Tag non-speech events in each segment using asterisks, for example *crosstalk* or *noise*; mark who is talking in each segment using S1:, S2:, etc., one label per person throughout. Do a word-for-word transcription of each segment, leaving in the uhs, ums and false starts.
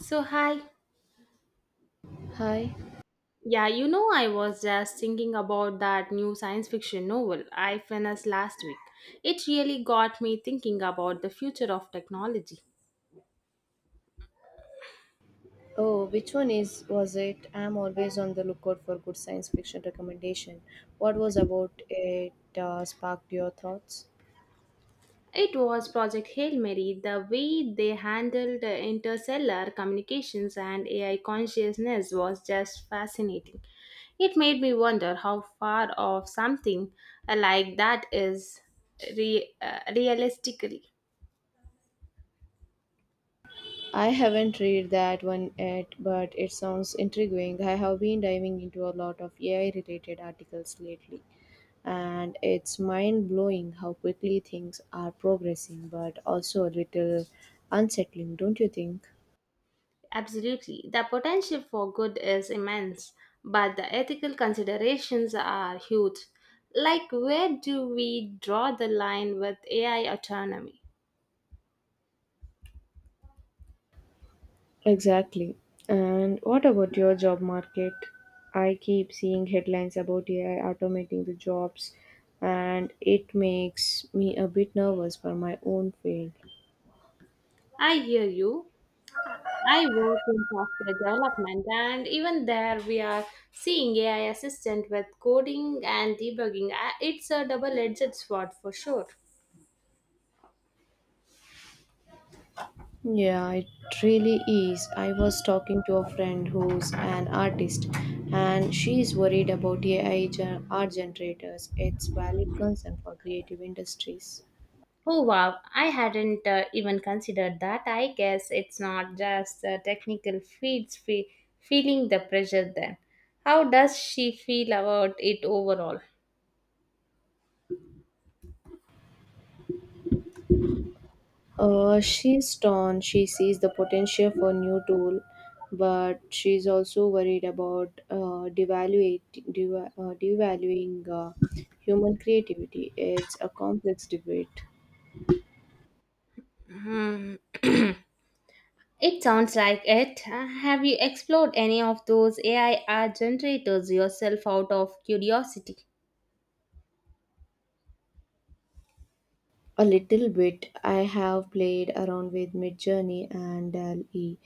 S1: So, hi.
S2: Hi.
S1: Yeah, you know, I was just thinking about that new science fiction novel I finished last week. It really got me thinking about the future of technology.
S2: Oh, which one is was it? I'm always on the lookout for good science fiction recommendation. What was about it uh, sparked your thoughts?
S1: It was Project Hail Mary. The way they handled the interstellar communications and A I consciousness was just fascinating. It made me wonder how far of something like that is re- uh, realistically.
S2: I haven't read that one yet, but it sounds intriguing. I have been diving into a lot of A I related articles lately, and it's mind blowing how quickly things are progressing, but also a little unsettling, don't you think?
S1: Absolutely. The potential for good is immense, but the ethical considerations are huge. Like, where do we draw the line with A I autonomy?
S2: Exactly. And what about your job market? I keep seeing headlines about A I automating the jobs, and it makes me a bit nervous for my own field.
S1: I hear you. I work in software development, and even there, we are seeing A I assistant with coding and debugging. Uh, It's a double edged sword for sure.
S2: Yeah, it really is. I was talking to a friend who's an artist, and she is worried about A I gen- art generators. It's valid concern for creative industries.
S1: Oh wow, I hadn't uh, even considered that. I guess it's not just the technical feats fe- feeling the pressure then. How does she feel about it overall?
S2: Uh, she's torn. She sees the potential for new tool, but she's also worried about uh, devaluate, deva- uh, devaluing uh, human creativity. It's a complex debate.
S1: Hmm. *clears throat* It sounds like it. Uh, Have you explored any of those A I art generators yourself out of curiosity?
S2: A little bit. I have played around with Midjourney and Dal E.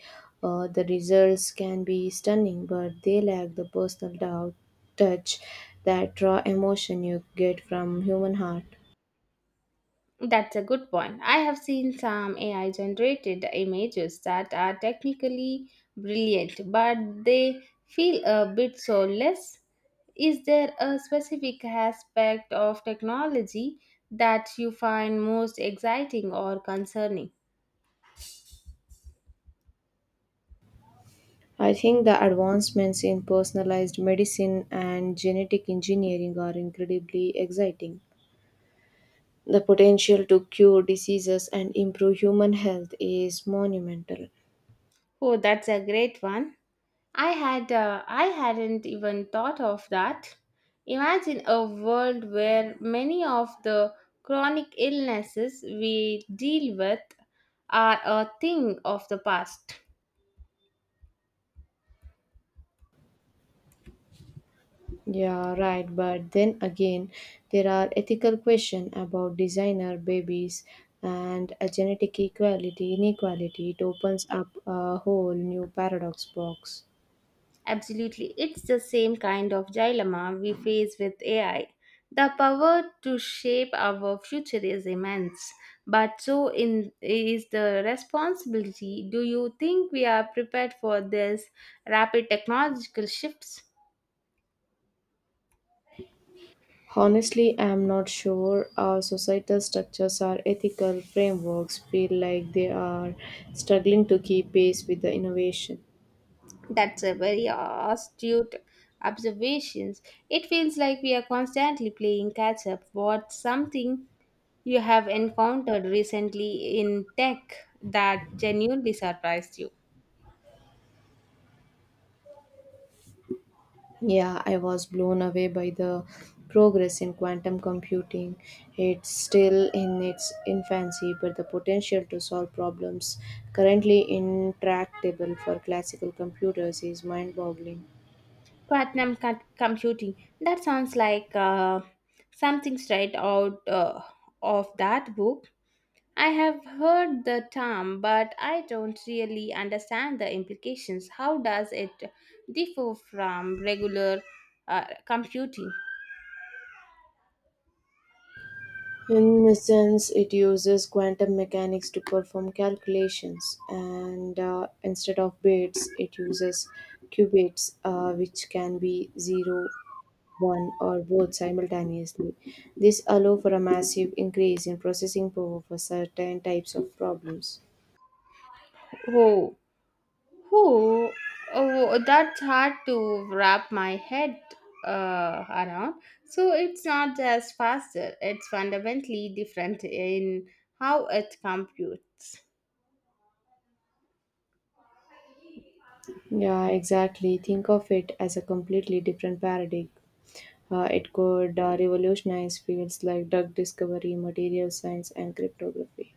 S2: Uh, the results can be stunning, but they lack the personal dou- touch, that raw emotion you get from human heart.
S1: That's a good point. I have seen some A I generated images that are technically brilliant, but they feel a bit soulless. Is there a specific aspect of technology that you find most exciting or concerning?
S2: I think the advancements in personalized medicine and genetic engineering are incredibly exciting. The potential to cure diseases and improve human health is monumental.
S1: Oh, that's a great one. I had uh, I hadn't even thought of that. Imagine a world where many of the chronic illnesses we deal with are a thing of the past.
S2: Yeah, right. But then again, there are ethical questions about designer babies and a genetic equality inequality. It opens up a whole new paradox box.
S1: Absolutely. It's the same kind of dilemma we face with A I. The power to shape our future is immense, but so in is the responsibility. Do you think we are prepared for this rapid technological shifts?
S2: Honestly, I'm not sure our societal structures or ethical frameworks feel like they are struggling to keep pace with the innovation.
S1: That's a very astute observation. It feels like we are constantly playing catch up. What's something you have encountered recently in tech that genuinely surprised you?
S2: Yeah, I was blown away by the progress in quantum computing. It's still in its infancy, but the potential to solve problems currently intractable for classical computers is mind boggling.
S1: Platinum co- computing. That sounds like uh, something straight out uh, of that book. I have heard the term, but I don't really understand the implications. How does it differ from regular uh, computing?
S2: In essence, it uses quantum mechanics to perform calculations, and uh, instead of bits, it uses qubits, uh, which can be zero, one, or both simultaneously. This allows for a massive increase in processing power for certain types of problems.
S1: Who? Who? Oh, that's hard to wrap my head uh, around. So it's not just faster, it's fundamentally different in how it computes.
S2: Yeah, exactly. Think of it as a completely different paradigm. Uh, it could uh, revolutionize fields like drug discovery, material science, and cryptography.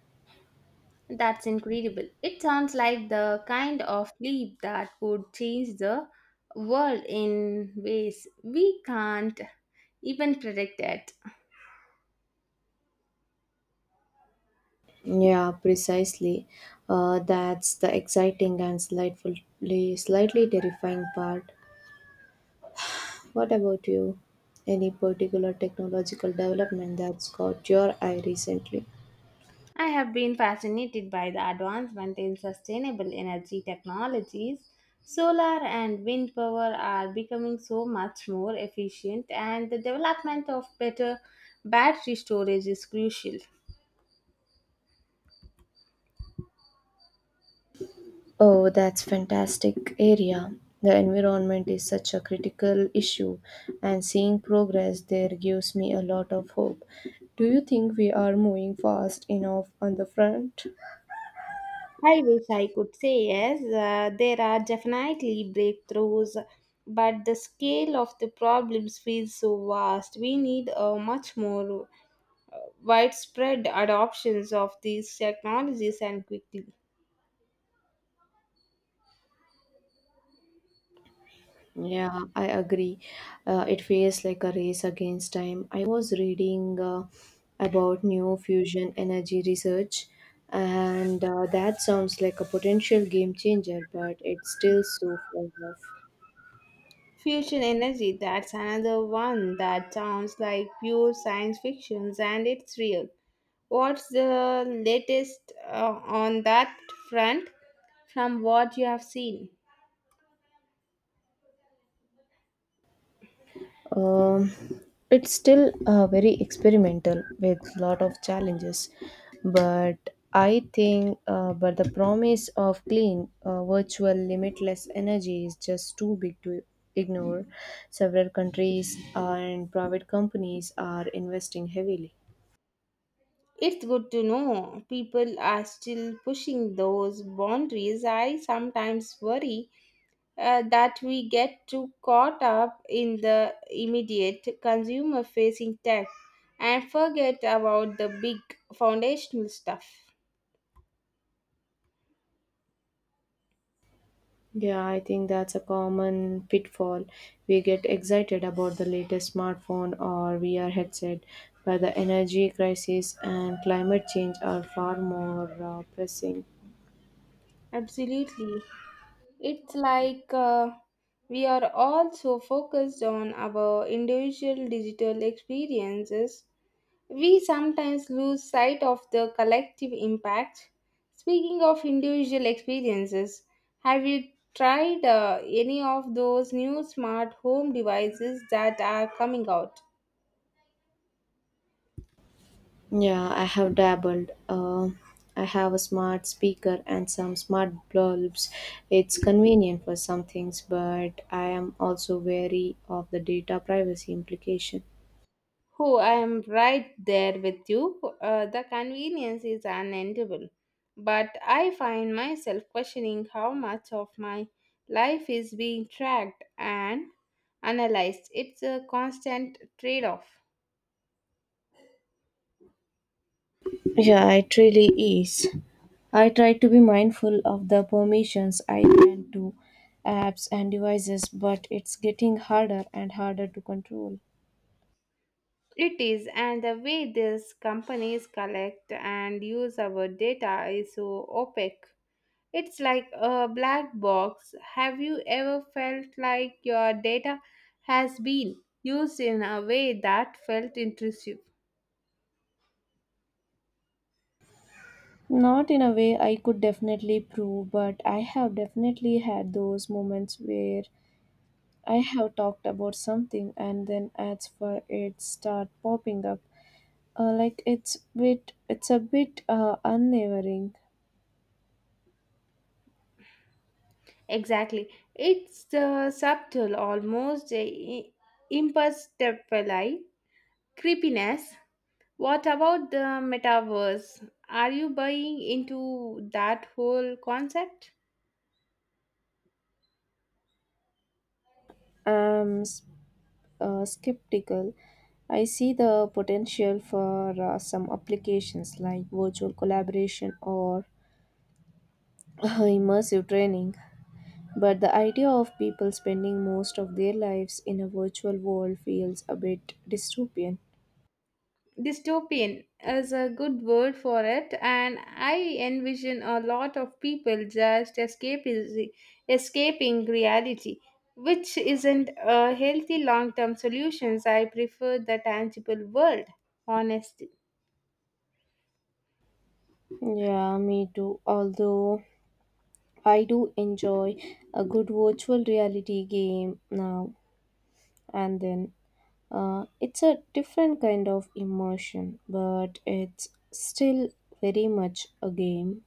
S1: That's incredible. It sounds like the kind of leap that would change the world in ways we can't even predict it.
S2: Yeah, precisely. Uh, that's the exciting and slightly, slightly terrifying part. What about you? Any particular technological development that's caught your eye recently?
S1: I have been fascinated by the advancement in sustainable energy technologies. Solar and wind power are becoming so much more efficient, and the development of better battery storage is crucial.
S2: Oh, that's fantastic area. The environment is such a critical issue, and seeing progress there gives me a lot of hope. Do you think we are moving fast enough on the front?
S1: I wish I could say yes. Uh, there are definitely breakthroughs, but the scale of the problems feels so vast. We need a much more uh, widespread adoptions of these technologies and quickly.
S2: Yeah, I agree. Uh, it feels like a race against time. I was reading uh, about new fusion energy research, and uh, that sounds like a potential game changer, but it's still so far off.
S1: Fusion energy, that's another one that sounds like pure science fiction and it's real. What's the latest uh, on that front from what you have seen?
S2: Um, it's still uh, very experimental with lot of challenges, but I think uh, but the promise of clean, uh, virtual, limitless energy is just too big to ignore. Several countries and private companies are investing heavily.
S1: It's good to know people are still pushing those boundaries. I sometimes worry uh, that we get too caught up in the immediate consumer facing tech and forget about the big foundational stuff.
S2: Yeah, I think that's a common pitfall. We get excited about the latest smartphone or V R headset, but the energy crisis and climate change are far more uh, pressing.
S1: Absolutely. It's like uh, we are all so focused on our individual digital experiences, we sometimes lose sight of the collective impact. Speaking of individual experiences, have you tried uh, any of those new smart home devices that are coming out?
S2: Yeah, I have dabbled. Uh, I have a smart speaker and some smart bulbs. It's convenient for some things, but I am also wary of the data privacy implication.
S1: Oh, I am right there with you. Uh, the convenience is unendable. But I find myself questioning how much of my life is being tracked and analyzed. It's a constant trade off.
S2: Yeah, it really is. I try to be mindful of the permissions I grant to apps and devices, but it's getting harder and harder to control.
S1: It is, and the way these companies collect and use our data is so opaque. It's like a black box. Have you ever felt like your data has been used in a way that felt intrusive?
S2: Not in a way I could definitely prove, but I have definitely had those moments where I have talked about something and then ads for it start popping up. Uh, like it's bit, it's a bit uh, unnerving.
S1: Exactly. It's the subtle, almost i- imperceptible creepiness. What about the metaverse? Are you buying into that whole concept?
S2: Um, uh, Skeptical, I see the potential for uh, some applications like virtual collaboration or *laughs* immersive training. But the idea of people spending most of their lives in a virtual world feels a bit dystopian.
S1: Dystopian is a good word for it, and I envision a lot of people just escaping, escaping reality, which isn't a healthy long term solution. I prefer the tangible world, honestly.
S2: Yeah, me too. Although I do enjoy a good virtual reality game now and then. Uh, it's a different kind of immersion, but it's still very much a game.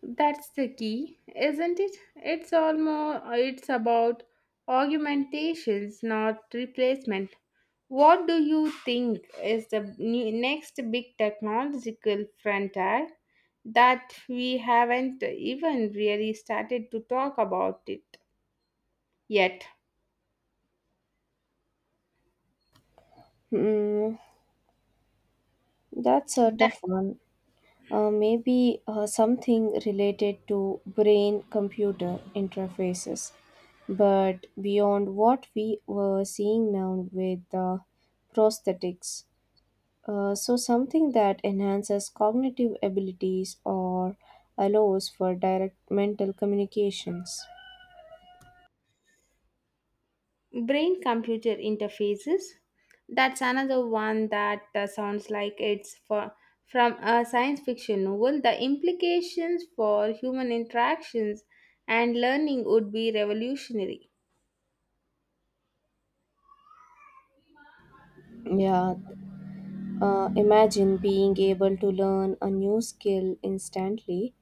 S1: That's the key, isn't it? It's almost it's about augmentations, not replacement. What do you think is the ne- next big technological frontier that we haven't even really started to talk about it yet?
S2: Mm, that's a tough one. Uh, maybe uh, something related to brain computer interfaces. But beyond what we were seeing now with uh, prosthetics, uh, so something that enhances cognitive abilities or allows for direct mental communications.
S1: Brain computer interfaces. That's another one that uh, sounds like it's for, from a science fiction novel. The implications for human interactions and learning would be revolutionary.
S2: Yeah, uh, imagine being able to learn a new skill instantly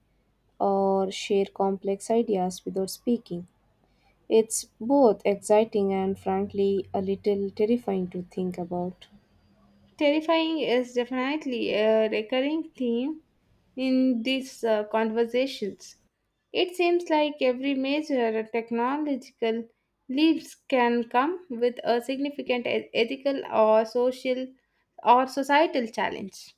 S2: or share complex ideas without speaking. It's both exciting and frankly a little terrifying to think about.
S1: Terrifying is definitely a recurring theme in these uh, conversations. It seems like every major technological leap can come with a significant e- ethical or social or societal challenge.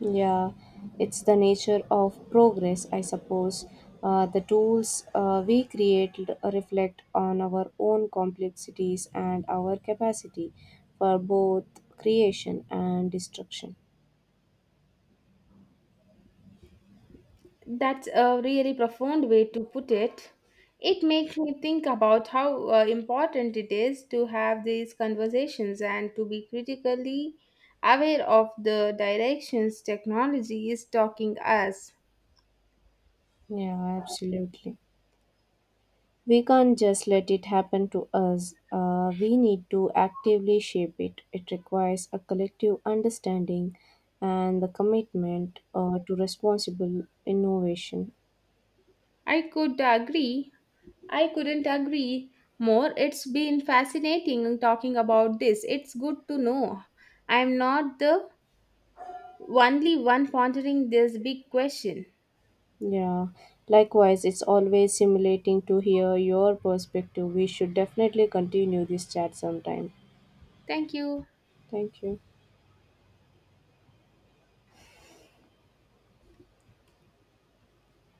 S2: Yeah, it's the nature of progress, I suppose. Uh, the tools uh, we create l- reflect on our own complexities and our capacity for both creation and destruction.
S1: That's a really profound way to put it. It makes me think about how uh, important it is to have these conversations and to be critically aware of the directions technology is talking us.
S2: Yeah, absolutely. We can't just let it happen to us. Uh, we need to actively shape it. It requires a collective understanding and the commitment uh, to responsible innovation.
S1: I could agree. I couldn't agree more. It's been fascinating talking about this. It's good to know I'm not the only one pondering this big question.
S2: Yeah, likewise, it's always stimulating to hear your perspective. We should definitely continue this chat sometime.
S1: Thank you.
S2: Thank you.